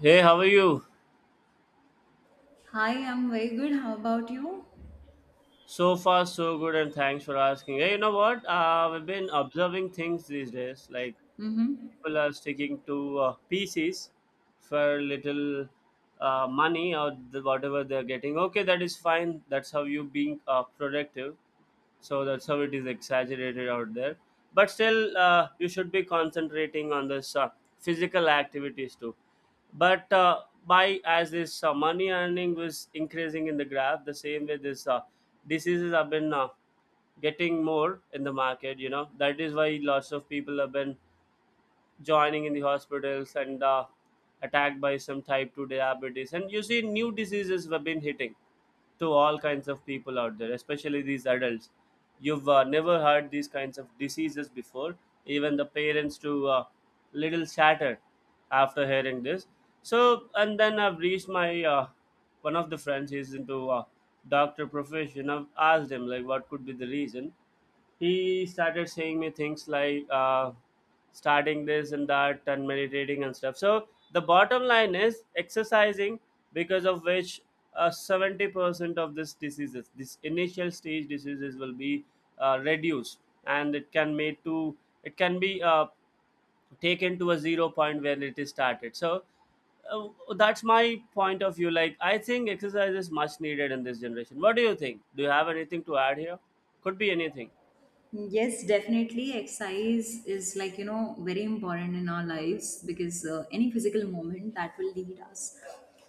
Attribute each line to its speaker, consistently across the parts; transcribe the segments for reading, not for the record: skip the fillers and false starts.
Speaker 1: Hey, how are you?
Speaker 2: Hi, I'm very good. How about you?
Speaker 1: So far, so good, and thanks for asking. Hey, you know what? We've been observing things these days. Like
Speaker 2: Mm-hmm.
Speaker 1: people are sticking to PCs for little money or whatever they're getting. Okay, that is fine. That's how you being productive. So that's how it is exaggerated out there, but still you should be concentrating on this physical activities too. But by as this money earning was increasing in the graph, the same way this diseases have been getting more in the market, you know that is why lots of people have been joining in the hospitals and attacked by some type 2 diabetes. And you see, new diseases have been hitting to all kinds of people out there, especially these adults. You've never heard these kinds of diseases before. Even the parents to little shattered after hearing this. So and then I've reached my one of the friends. He's into doctor profession. I've asked him like what could be the reason. He started saying me things like starting this and that and meditating and stuff. So the bottom line is exercising, because of which 70% of this diseases, this initial stage diseases will be reduced, and it can it can be taken to a zero point where it is started. So uh, that's my point of view. Like I think exercise is much needed in this generation. What do you think? Do you have anything to add here? Could be anything.
Speaker 2: Yes, definitely. Exercise is, like, you know, very important in our lives because any physical movement that will lead us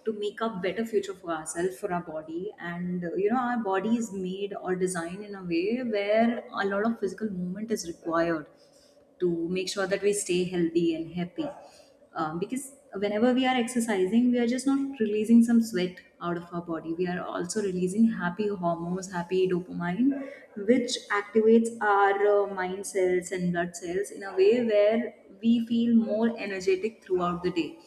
Speaker 2: to make a better future for ourselves, for our body. Our body is made or designed in a way where a lot of physical movement is required to make sure that we stay healthy and happy. Because whenever we are exercising, we are just not releasing some sweat out of our body. We are also releasing happy hormones, happy dopamine, which activates our mind cells and blood cells in a way where we feel more energetic throughout the day.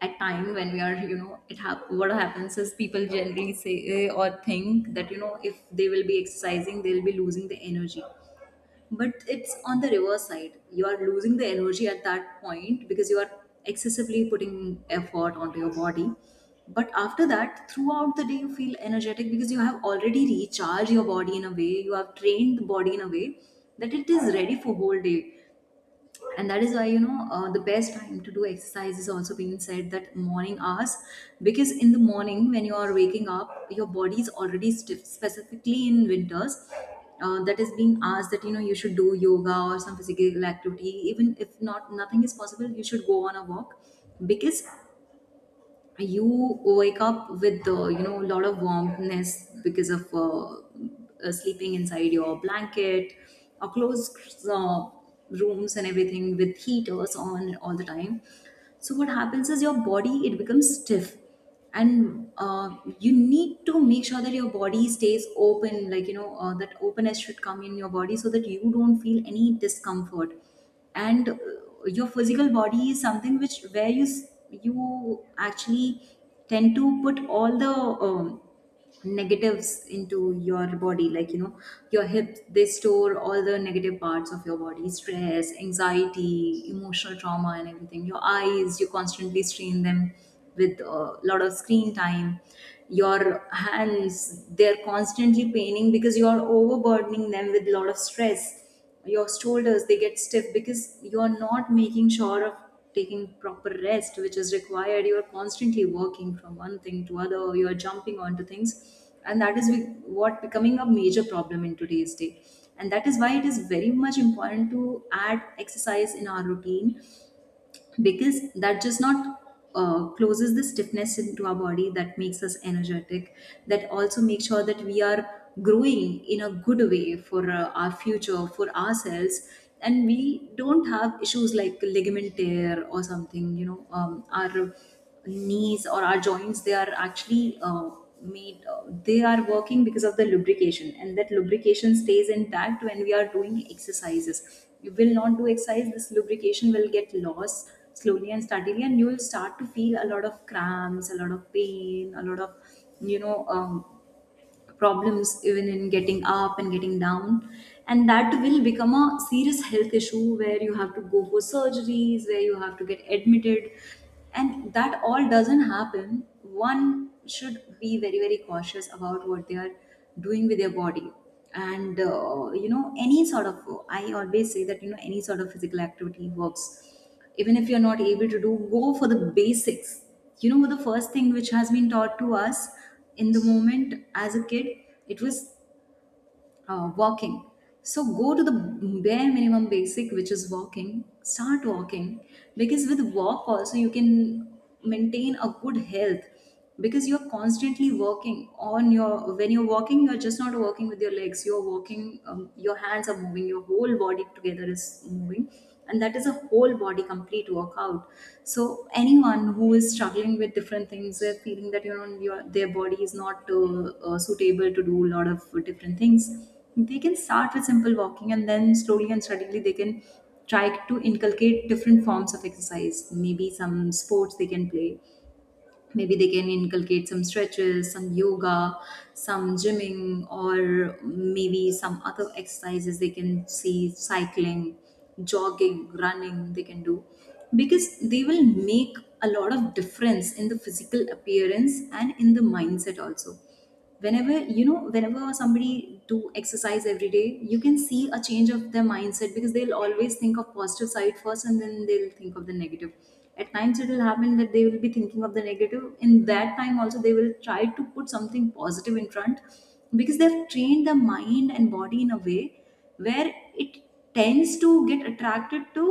Speaker 2: At time when we are, you know, what happens is people generally say or think that, you know, if they will be exercising, they'll be losing the energy, but it's on the reverse side. You are losing the energy at that point because you are excessively putting effort onto your body, but after that, throughout the day, you feel energetic because you have already recharged your body in a way. You have trained the body in a way that it is ready for whole day, and that is why, you know, the best time to do exercise is also being said that morning hours, because in the morning when you are waking up, your body is already stiff, specifically in winters. That is being asked that, you know, you should do yoga or some physical activity. Even if not, nothing is possible, you should go on a walk, because you wake up with you know, a lot of warmthness because of sleeping inside your blanket or closed uh, rooms and everything with heaters on all the time. So what happens is, your body, it becomes stiff, and you need to make sure that your body stays open. Like, you know, that openness should come in your body so that you don't feel any discomfort, and your physical body is something which, where you actually tend to put all the um, negatives into your body. Like, you know, your hips, they store all the negative parts of your body, stress, anxiety, emotional trauma, and everything. Your eyes, you constantly strain them with a lot of screen time. Your hands, they're constantly paining because you are overburdening them with a lot of stress. Your shoulders, they get stiff because you're not making sure of taking proper rest, which is required. You're constantly working from one thing to other, you're jumping onto things, and what becoming a major problem in today's day, and that is why it is very much important to add exercise in our routine, because that just not closes the stiffness into our body, that makes us energetic, that also makes sure that we are growing in a good way for our future, for ourselves, and we don't have issues like ligament tear or something, you know. Our knees or our joints, they are actually made they are working because of the lubrication, and that lubrication stays intact when we are doing exercises. You will not do exercise, this lubrication will get lost slowly and steadily, and you will start to feel a lot of cramps, a lot of pain, a lot of, you know, problems even in getting up and getting down, and that will become a serious health issue where you have to go for surgeries, where you have to get admitted, and that all doesn't happen. One should be very, very cautious about what they are doing with their body. And you know, any sort of, I always say that, you know, any sort of physical activity works, even if you're not able to do, go for the basics. You know, the first thing which has been taught to us in the moment as a kid, it was walking. So go to the bare minimum basic, which is walking. Start walking, because with walk also, you can maintain a good health, because you're constantly working on your, when you're walking, you're just not walking with your legs, you're walking, your hands are moving, your whole body together is moving, and that is a whole body complete workout. So anyone who is struggling with different things, they're feeling that, you know, their body is not suitable to do a lot of different things, they can start with simple walking, and then slowly and steadily, they can try to inculcate different forms of exercise. Maybe some sports they can play, maybe they can inculcate some stretches, some yoga, some gymming, or maybe some other exercises, they can see cycling, jogging, running, they can do, because they will make a lot of difference in the physical appearance and in the mindset also. Whenever, you know, whenever somebody do exercise every day, you can see a change of their mindset, because they'll always think of positive side first, and then they'll think of the negative. At times, it will happen that they will be thinking of the negative. In that time also, they will try to put something positive in front, because they've trained their mind and body in a way where it tends to get attracted to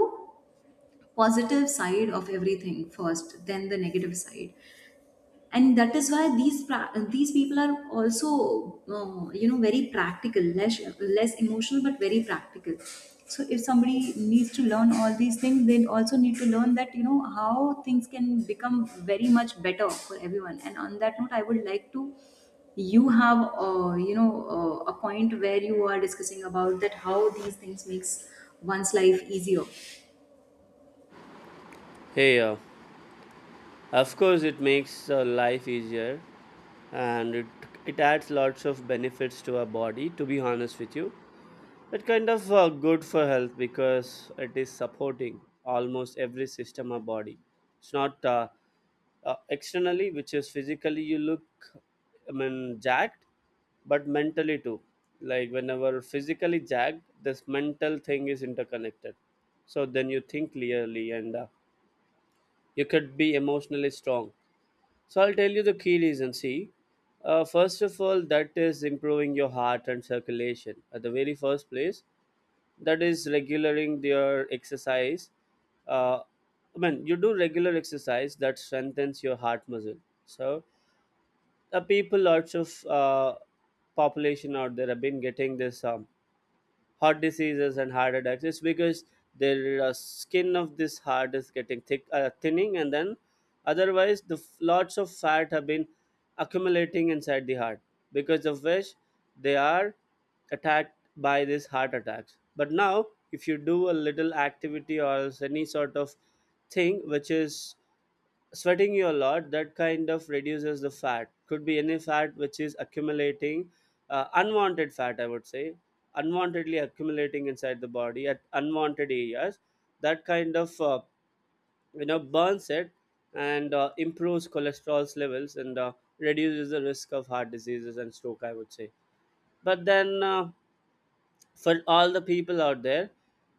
Speaker 2: positive side of everything first, then the negative side. And that is why these people are also, you know, very practical, less, less emotional, but very practical. So if somebody needs to learn all these things, they also need to learn that, you know, how things can become very much better for everyone. And on that note, I would like to, you have you know, a point where you are discussing about that how these things makes one's life easier.
Speaker 1: Hey, of course, it makes life easier, and it adds lots of benefits to our body, to be honest with you. It kind of good for health because it is supporting almost every system of body. It's not externally, which is physically you look, I mean, jacked, but mentally too. Like whenever physically jacked, this mental thing is interconnected. So then you think clearly, and you could be emotionally strong. So I'll tell you the key reason. See, first of all, that is improving your heart and circulation at the very first place. That is regulating your exercise. Uh, I mean, you do regular exercise that strengthens your heart muscle. So the people, lots of population out there have been getting this. Heart diseases and heart attacks, it's because their skin of this heart is getting thick, thinning, and then otherwise the lots of fat have been accumulating inside the heart, because of which they are attacked by these heart attacks. But now if you do a little activity or else any sort of thing which is sweating you a lot, that kind of reduces the fat. Could be any fat which is accumulating, unwanted fat I would say, unwantedly accumulating inside the body at unwanted areas. That kind of you know, burns it, and improves cholesterol's levels, and reduces the risk of heart diseases and stroke, I would say. But then for all the people out there,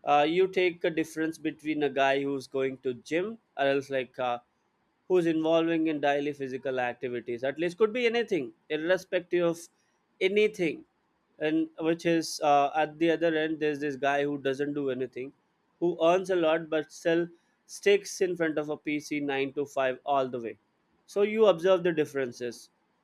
Speaker 1: you take a difference between a guy who's going to gym, or else like who's involving in daily physical activities at least, could be anything, irrespective of anything, and which is at the other end, there's this guy who doesn't do anything, who earns a lot but still sticks in front of a pc 9 to 5 all the way. So you observe the differences.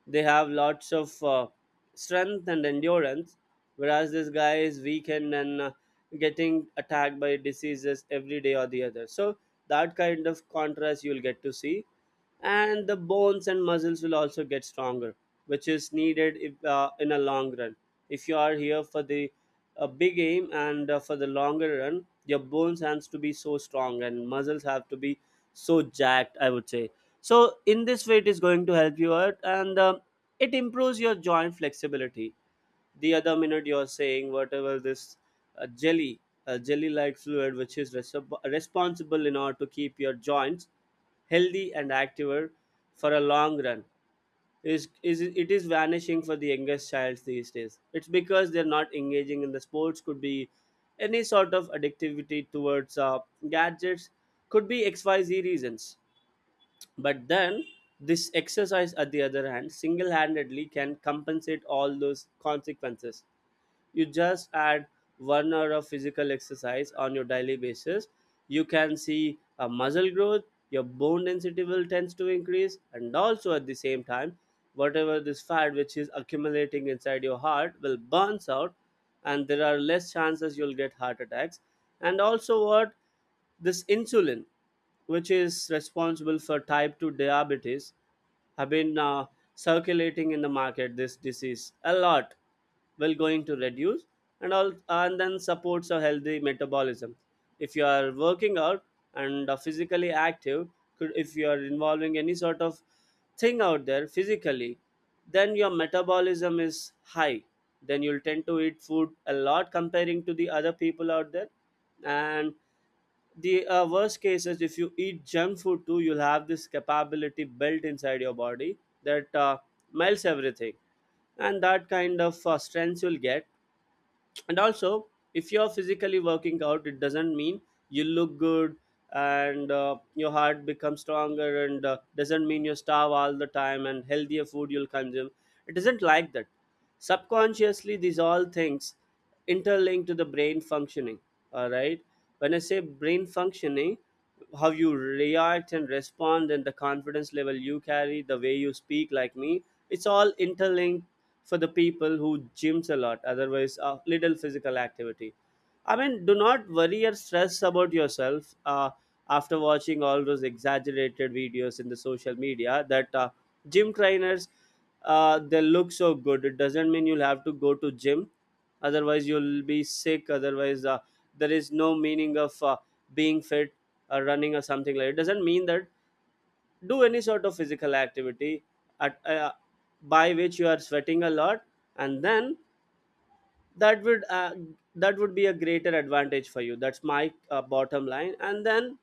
Speaker 1: They have lots of strength and endurance, whereas this guy is weakened and getting attacked by diseases every day or the other. So that kind of contrast you'll get to see. And the bones and muscles will also get stronger, which is needed if, in a long run, if you are here for the big aim, and for the longer run, your bones has to be so strong and muscles have to be so jacked, I would say. So in this way, it is going to help you out. And um, it improves your joint flexibility. The other minute you're saying whatever this uh, jelly jelly like fluid, which is responsible in order to keep your joints healthy and active for a long run, is it is vanishing for the youngest child these days. It's because they're not engaging in the sports. Could be any sort of addictivity towards gadgets, could be xyz reasons. But then this exercise at the other hand single-handedly can compensate all those consequences. You just add one hour of physical exercise on your daily basis, you can see a muscle growth. Your bone density will tends to increase, and also at the same time, whatever this fat which is accumulating inside your heart will burns out, and there are less chances you'll get heart attacks. And also what, this insulin which is responsible for type 2 diabetes have been circulating in the market this disease a lot, will going to reduce and all. And then supports a healthy metabolism. If you are working out and are physically active, could, if you are involving any sort of thing out there physically, then your metabolism is high, then you'll tend to eat food a lot comparing to the other people out there. And the worst case is, if you eat junk food too, you'll have this capability built inside your body that melts everything, and that kind of strength you'll get. And also, if you're physically working out, it doesn't mean you look good and your heart becomes stronger, and doesn't mean you starve all the time and healthier food you'll consume. It isn't like that. Subconsciously, these all things interlink to the brain functioning, all right? When I say brain functioning, how you react and respond, and the confidence level you carry, the way you speak like me, it's all interlinked. For the people who gyms a lot, otherwise little physical activity, I mean, do not worry or stress about yourself after watching all those exaggerated videos in the social media, that gym trainers, they look so good, it doesn't mean you'll have to go to gym, otherwise you'll be sick, otherwise there is no meaning of being fit or running or something. Like, it doesn't mean that. Do any sort of physical activity at by which you are sweating a lot, and then that would uh, that would be a greater advantage for you. That's my bottom line. And then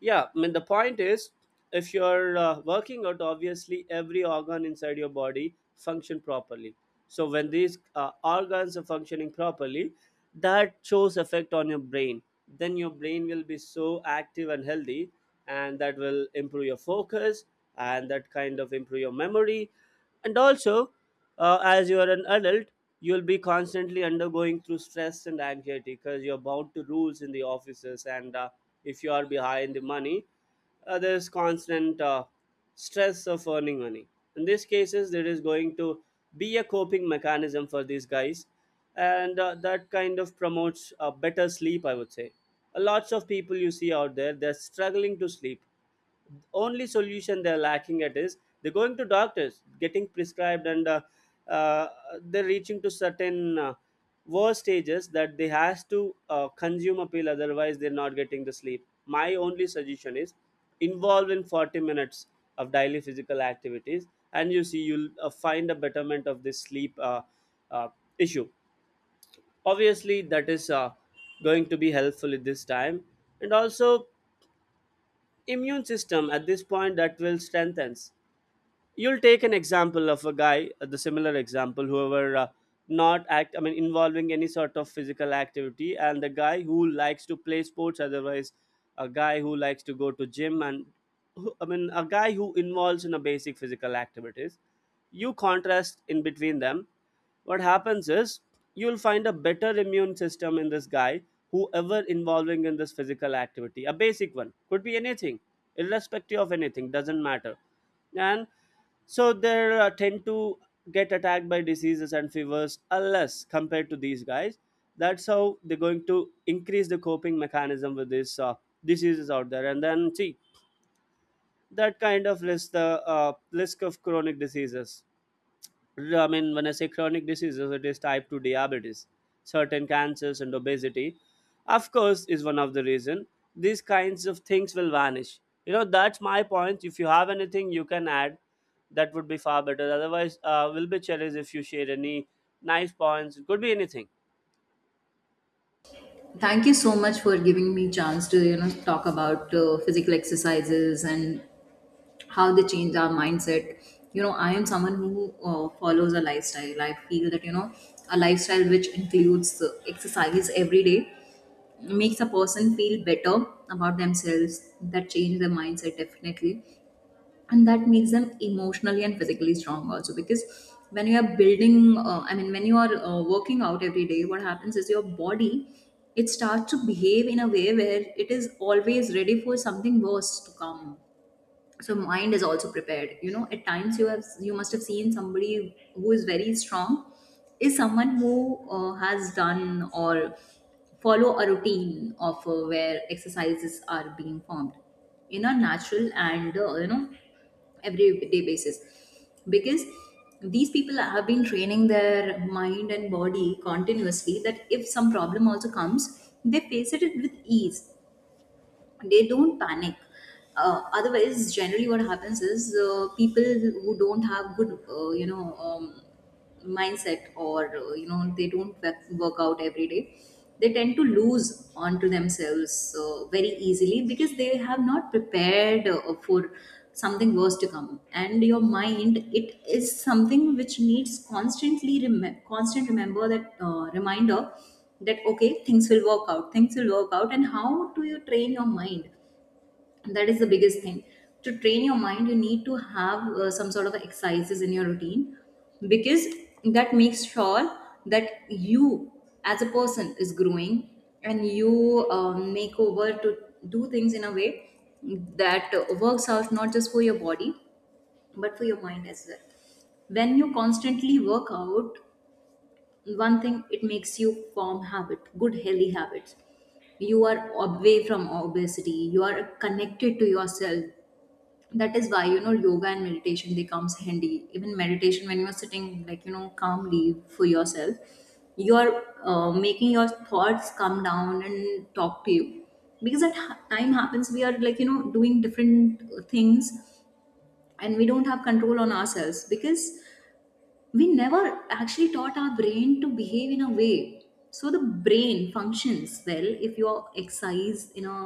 Speaker 1: yeah, I mean, the point is, if you're working out, obviously every organ inside your body function properly. So when these organs are functioning properly, that shows effect on your brain. Then your brain will be so active and healthy, and that will improve your focus, and that kind of improve your memory. And also as you are an adult, you'll be constantly undergoing through stress and anxiety because you're bound to rules in the offices, and if you are behind the money, there's constant stress of earning money. In these cases, there is going to be a coping mechanism for these guys, and that kind of promotes better sleep, I would say. Lots of people you see out there, they're struggling to sleep. Only solution they're lacking at is they're going to doctors getting prescribed, and uh, they're reaching to certain worse stages that they has to consume a pill, otherwise they're not getting the sleep. My only suggestion is, involve in 40 minutes of daily physical activities, and you see, you'll find a betterment of this sleep uh, issue. Obviously that is going to be helpful at this time. And also, immune system at this point that will strengthens. You'll take an example of a guy, the similar example, whoever not act I mean involving any sort of physical activity, and the guy who likes to play sports, otherwise a guy who likes to go to gym, and I mean a guy who involves in a basic physical activities. You contrast in between them. What happens is, you'll find a better immune system in this guy, whoever involving in this physical activity, a basic one, could be anything, irrespective of anything, doesn't matter. And so they tend to get attacked by diseases and fevers unless compared to these guys. That's how they're going to increase the coping mechanism with these diseases out there, and then see, that kind of list the risk of chronic diseases. I mean, when I say chronic diseases, it is type 2 diabetes, certain cancers, and obesity. Of course, is one of the reason these kinds of things will vanish. You know, that's my point. If you have anything you can add, that would be far better. Otherwise, will be challenged if you share any nice points. It could be anything.
Speaker 2: Thank you so much for giving me chance to, you know, talk about physical exercises and how they change our mindset. You know, I am someone who follows a lifestyle. I feel that, you know, a lifestyle which includes exercise every day makes a person feel better about themselves, that change their mindset definitely, and that makes them emotionally and physically strong also, because when you are building, I mean, when you are working out every day, what happens is, your body, it starts to behave in a way where it is always ready for something worse to come. So mind is also prepared. You know, at times you have, you must have seen somebody who is very strong is someone who has done or follow a routine of where exercises are being formed in a natural and you know, everyday basis, because these people have been training their mind and body continuously, that if some problem also comes, they face it with ease. They don't panic. Otherwise, generally, what happens is, people who don't have good, you know, mindset or, you know, they don't work out every day. They tend to lose onto themselves very easily, because they have not prepared for something worse to come. And your mind, it is something which needs constantly rem- constant remember that reminder that okay, things will work out, things will work out. And how do you train your mind, that is the biggest thing. To train your mind, you need to have some sort of exercises in your routine, because that makes sure that you, as a person, is growing, and you make over to do things in a way that works out not just for your body but for your mind as well. When you constantly work out, one thing, it makes you form habit, good healthy habits. You are away from obesity, you are connected to yourself. That is why, you know, yoga and meditation, they comes handy. Even meditation, when you are sitting, like, you know, calmly for yourself, you are making your thoughts come down and talk to you, because time happens, we are, like, you know, doing different things, and we don't have control on ourselves, because we never actually taught our brain to behave in a way. So the brain functions well if you are exercise in a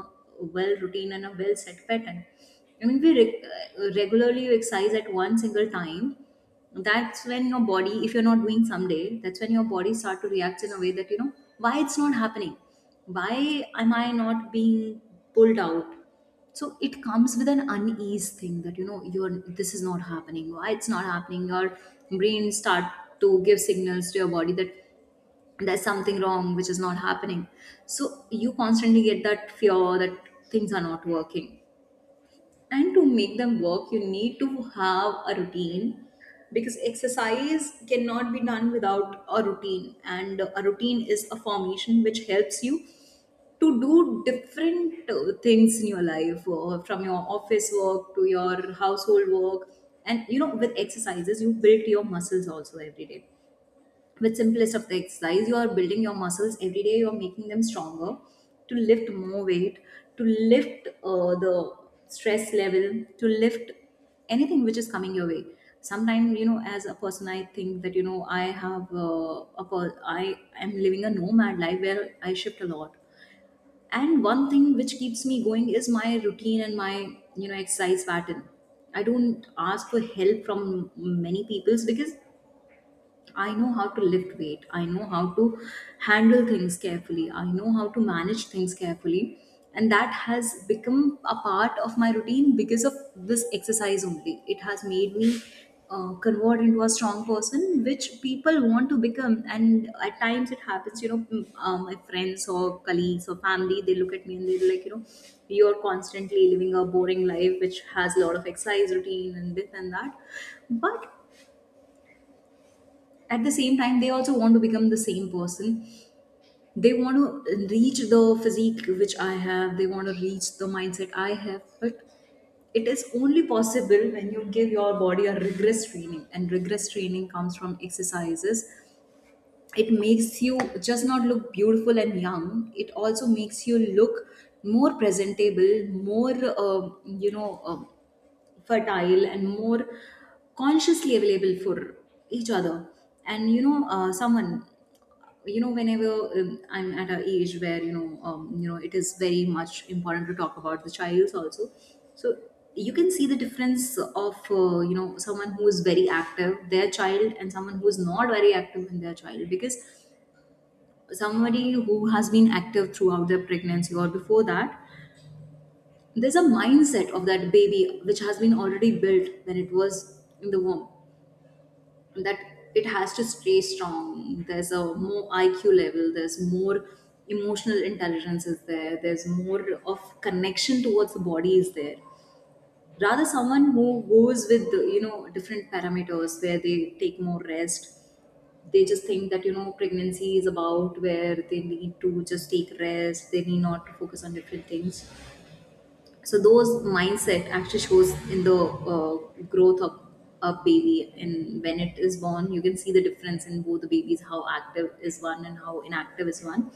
Speaker 2: well routine and a well set pattern. I mean, regularly you exercise at one single time. That's when your body, if you're not doing someday, that's when your body start to react in a way that, you know, why it's not happening, why am I not being pulled out. So it comes with an unease thing, that, you know, you're, this is not happening, why it's not happening, your brain start to give signals to your body that there's something wrong which is not happening. So you constantly get that fear, that things are not working, and To make them work, you need to have a routine, because exercise cannot be done without a routine, and a routine is a formation which helps you to do different things in your life, from your office work to your household work. And you know, with exercises you build your muscles also every day. With simplest of the exercise, you are building your muscles every day, you are making them stronger to lift more weight, to lift the stress level, to lift anything which is coming your way. Sometimes, you know, as a person I think that, you know, I am living a nomad life where I shift a lot, and one thing which keeps me going is my routine and my, you know, exercise pattern. I don't ask for help from many peoples because I know how to lift weight. I know how to handle things carefully. I know how to manage things carefully. And that has become a part of my routine because of this exercise only. It has made me convert into a strong person, which people want to become. And at times it happens, you know, my friends or colleagues or family, they look at me and they're like, you know, you're constantly living a boring life, which has a lot of exercise routine and this and that. But at the same time, they also want to become the same person. They want to reach the physique which I have, they want to reach the mindset I have, but it is only possible when you give your body a rigorous training, and rigorous training comes from exercises. It makes you just not look beautiful and young, it also makes you look more presentable, more uh, you know uh, fertile and more consciously available for each other. And you know, someone you know whenever I'm at an age where, you know, you know, it is very much important to talk about the child also. So you can see the difference of someone who is very active, their child, and someone who is not very active in their child, because somebody who has been active throughout their pregnancy or before that, there's a mindset of that baby which has been already built when it was in the womb, that it has to stay strong. There's a more IQ level, there's more emotional intelligence is there, there's more of connection towards the body is there. Rather, someone who goes with the, you know, different parameters where they take more rest, they just think that, you know, pregnancy is about where they need to just take rest, they need not to focus on different things. So those mindset actually shows in the uh, growth of a baby, and when it is born you can see the difference in both the babies, how active is one and how inactive is one,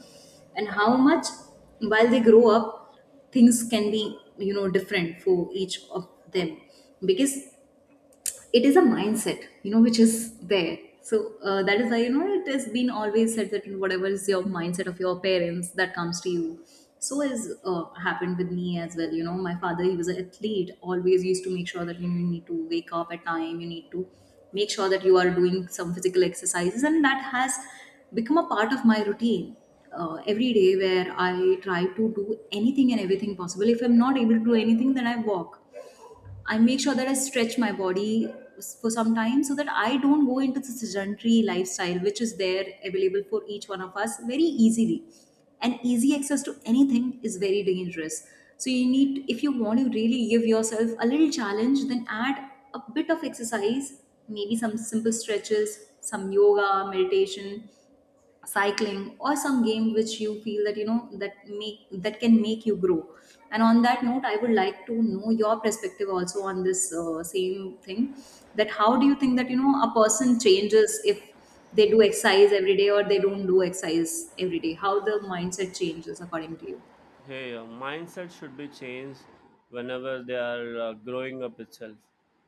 Speaker 2: and how much while they grow up things can be, you know, different for each of them. Because it is a mindset, you know, which is there. So that is why, you know, it has been always said that whatever is your mindset of your parents, that comes to you. So has happened with me as well. You know, my father, he was an athlete, always used to make sure that you need to wake up at time, you need to make sure that you are doing some physical exercises, and that has become a part of my routine. Uh, every day, where I try to do anything and everything possible. If I'm not able to do anything, then I walk. I make sure that I stretch my body for some time, so that I don't go into the sedentary lifestyle, which is there available for each one of us very easily. And easy access to anything is very dangerous. So, you need, if you want to really give yourself a little challenge, then add a bit of exercise, maybe some simple stretches, some yoga, meditation, cycling, or some game which you feel that, you know, that can make you grow. And on that note, I would like to know your perspective also on this same thing, that how do you think that, you know, a person changes if they do exercise every day or they don't do exercise every day, how the mindset changes according to you?
Speaker 1: Hey, mindset should be changed whenever they are growing up itself.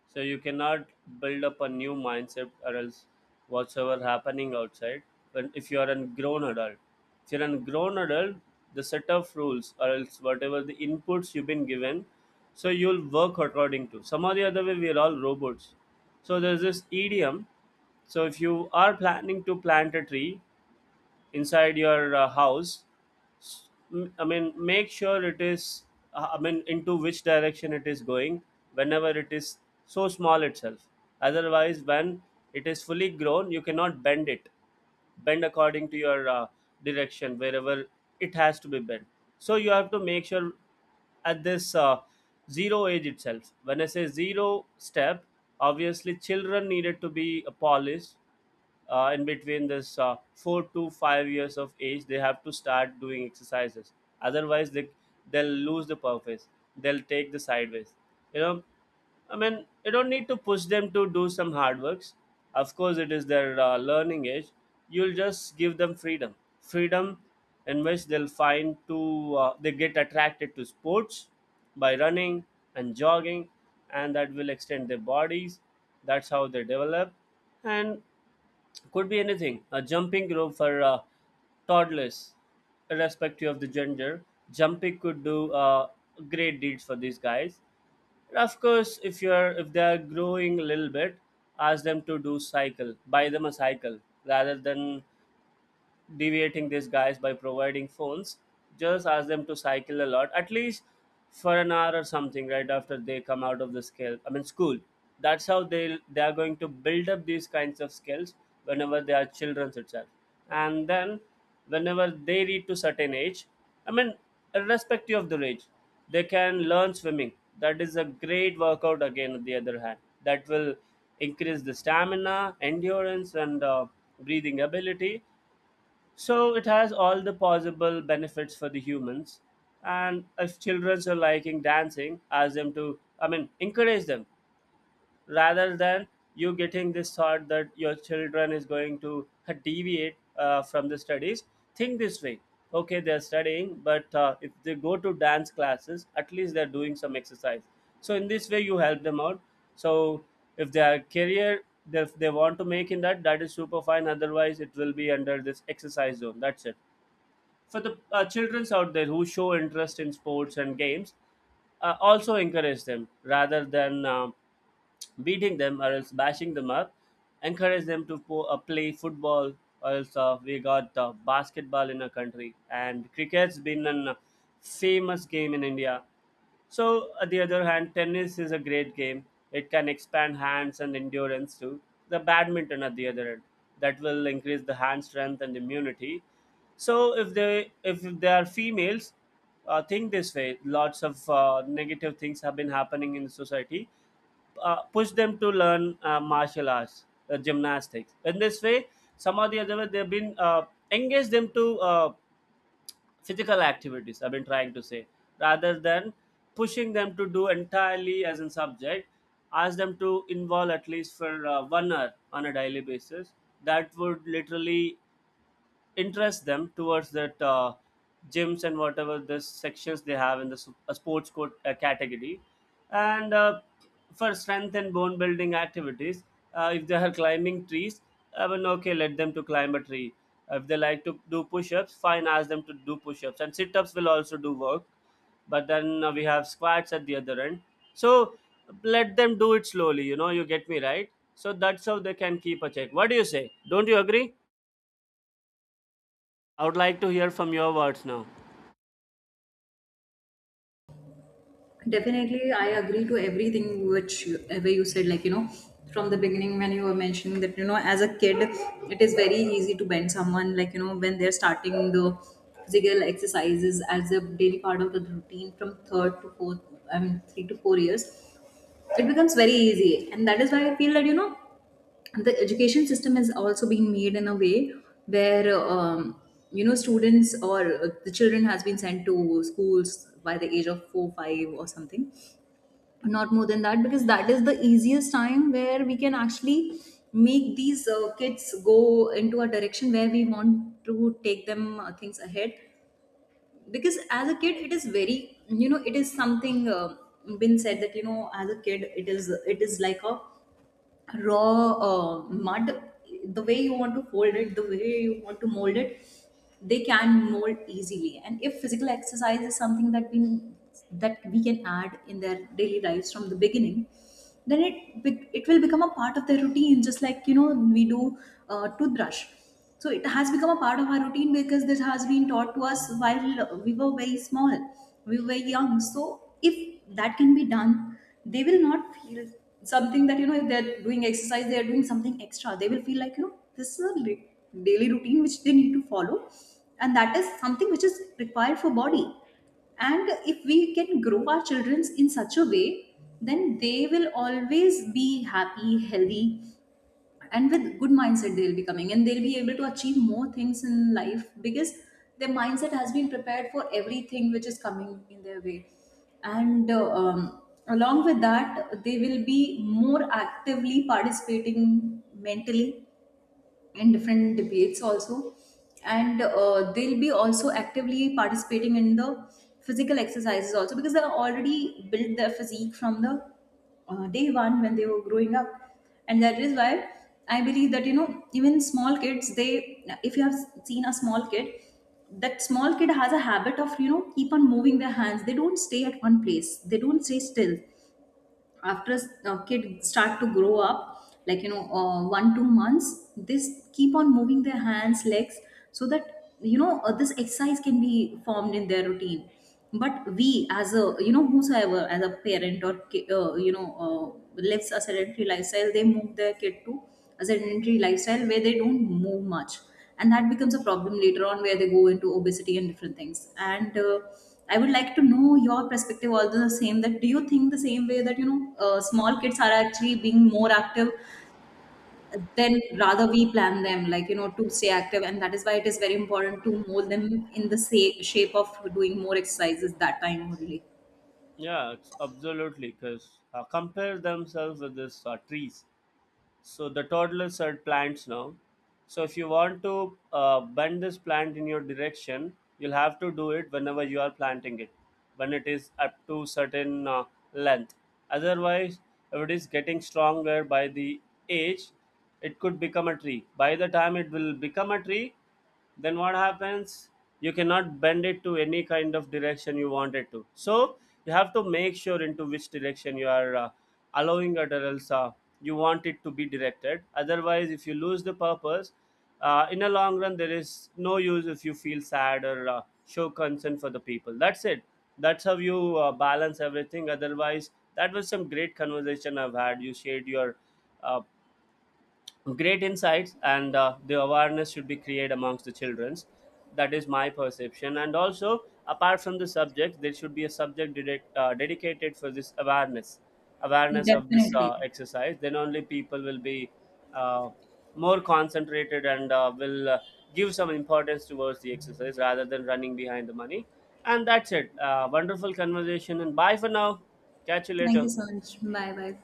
Speaker 1: So you cannot build up a new mindset, or else whatsoever happening outside. When if you are a grown adult, if you're a grown adult the set of rules or else whatever the inputs you've been given, so you'll work according to some or the other way. We're all robots. So there's this idiom. So if you are planning to plant a tree inside your house, I mean make sure it is into which direction it is going, whenever it is so small itself. Otherwise, when it is fully grown, you cannot bend it, bend according to your direction wherever it has to be bent. So you have to make sure at this zero age itself, when I say zero step. Obviously children needed to be polished. In between this 4 to 5 years of age, they have to start doing exercises. Otherwise they, they'll lose the purpose. They'll take the sideways, you know. I mean, you don't need to push them to do some hard works. Of course, it is their learning age. You'll just give them freedom, freedom in which they'll find to they get attracted to sports by running and jogging, and that will extend their bodies. That's how they develop, and could be anything. A jumping rope for toddlers, irrespective of the gender. Jumping could do great deeds for these guys. And of course, if they are growing a little bit, ask them to do cycle, buy them a cycle rather than deviating these guys by providing phones. Just ask them to cycle a lot, at least for an hour or something, right after they come out of the scale I mean school. That's how they are going to build up these kinds of skills whenever they are children itself. And then whenever they reach to certain age, I mean irrespective of the age, they can learn swimming. That is a great workout. Again on the other hand, that will increase the stamina, endurance, and breathing ability. So it has all the possible benefits for the humans. And if children are liking dancing, ask them to, I mean, encourage them rather than you getting this thought that your children is going to deviate from the studies. Think this way: okay, they're studying, but if they go to dance classes, at least they're doing some exercise. So in this way you help them out. So if their career they want to make in that, that is super fine. Otherwise it will be under this exercise zone, that's it. For the children's out there who show interest in sports and games, also encourage them rather than beating them or else bashing them up. Encourage them to play football. Or else we got basketball in our country, and cricket's been a famous game in India. So, on the other hand, tennis is a great game. It can expand hands and endurance too. The badminton at the other end, that will increase the hand strength and immunity. So, if they are females, think this way. Lots of negative things have been happening in society. Push them to learn martial arts, gymnastics. In this way, somehow the other way, they've been engage them to physical activities, I've been trying to say, rather than pushing them to do entirely as a subject. Ask them to involve at least for 1 hour on a daily basis. That would literally interest them towards that gyms and whatever the sections they have in the sports court category. And for strength and bone building activities, if they are climbing trees, I mean okay, let them to climb a tree. If they like to do push-ups, fine, ask them to do push-ups, and sit-ups will also do work. But then we have squats at the other end. So let them do it slowly, you know. You get me right? So that's how they can keep a check. What do you say, don't you agree? I would like to hear from your words now.
Speaker 2: Definitely, I agree to everything which you, ever you said. Like, you know, from the beginning when you were mentioning that, you know, as a kid, it is very easy to bend someone. Like, you know, when they're starting the physical exercises as a daily part of the routine from third to fourth, I mean 3 to 4 years, it becomes very easy, and that is why I feel that, you know, the education system has also been made in a way where you know, students or the children has been sent to schools by the age of 4-5 or something, not more than that, because that is the easiest time where we can actually make these kids go into a direction where we want to take them things ahead. Because as a kid it is very, you know, it is something been said that, you know, as a kid it is like a raw mud, the way you want to hold it, the way you want to mold it, they can mold easily. And if physical exercise is something that we can add in their daily lives from the beginning, then it will become a part of their routine, just like, you know, we do toothbrush, so it has become a part of our routine because this has been taught to us while we were very small, we were young. So if that can be done, they will not feel something that, you know, if they're doing exercise, they're doing something extra. They will feel like, you know, this is a daily routine which they need to follow. And that is something which is required for body. And if we can grow our children in such a way, then they will always be happy, healthy, and with good mindset they'll be coming, and they'll be able to achieve more things in life, because their mindset has been prepared for everything which is coming in their way. And along with that, they will be more actively participating mentally in different debates also, and they'll be also actively participating in the physical exercises also, because they already built their physique from the day one when they were growing up. And that is why I believe that, you know, even small kids, they, if you have seen a small kid, that small kid has a habit of, you know, keep on moving their hands, they don't stay at one place, they don't stay still. After a kid start to grow up, like, you know, 1-2 months, this keep on moving their hands legs, so that, you know, this exercise can be formed in their routine. But we, as a, you know, whosoever as a parent or lives a sedentary lifestyle, they move their kid to a sedentary lifestyle where they don't move much, and that becomes a problem later on, where they go into obesity and different things. And I would like to know your perspective also the same, that do you think the same way that, you know, small kids are actually being more active than rather we plan them, like, you know, to stay active? And that is why it is very important to mold them in the shape of doing more exercises that time only.
Speaker 1: Yeah, it's absolutely. Because compare themselves with this trees. So the toddlers are plants now. So if you want to bend this plant in your direction, you'll have to do it whenever you are planting it, when it is up to certain length. Otherwise, if it is getting stronger by the age, it could become a tree. By the time it will become a tree, then what happens, you cannot bend it to any kind of direction you want it to. So you have to make sure into which direction you are allowing it, or else you want it to be directed. Otherwise if you lose the purpose, in a long run there is no use if you feel sad or show concern for the people, that's it. That's how you balance everything. Otherwise, that was some great conversation. I've had, you shared your uh, great insights, and the awareness should be created amongst the childrens. That is my perception. And also apart from the subject, there should be a subject direct dedicated for this awareness, awareness of this
Speaker 2: Definitely.
Speaker 1: exercise. Then only people will be uh, more concentrated and will give some importance towards the exercise rather than running behind the money. And that's it. Wonderful conversation and bye for now. Catch you
Speaker 2: Thank
Speaker 1: later.
Speaker 2: you so much. Bye bye.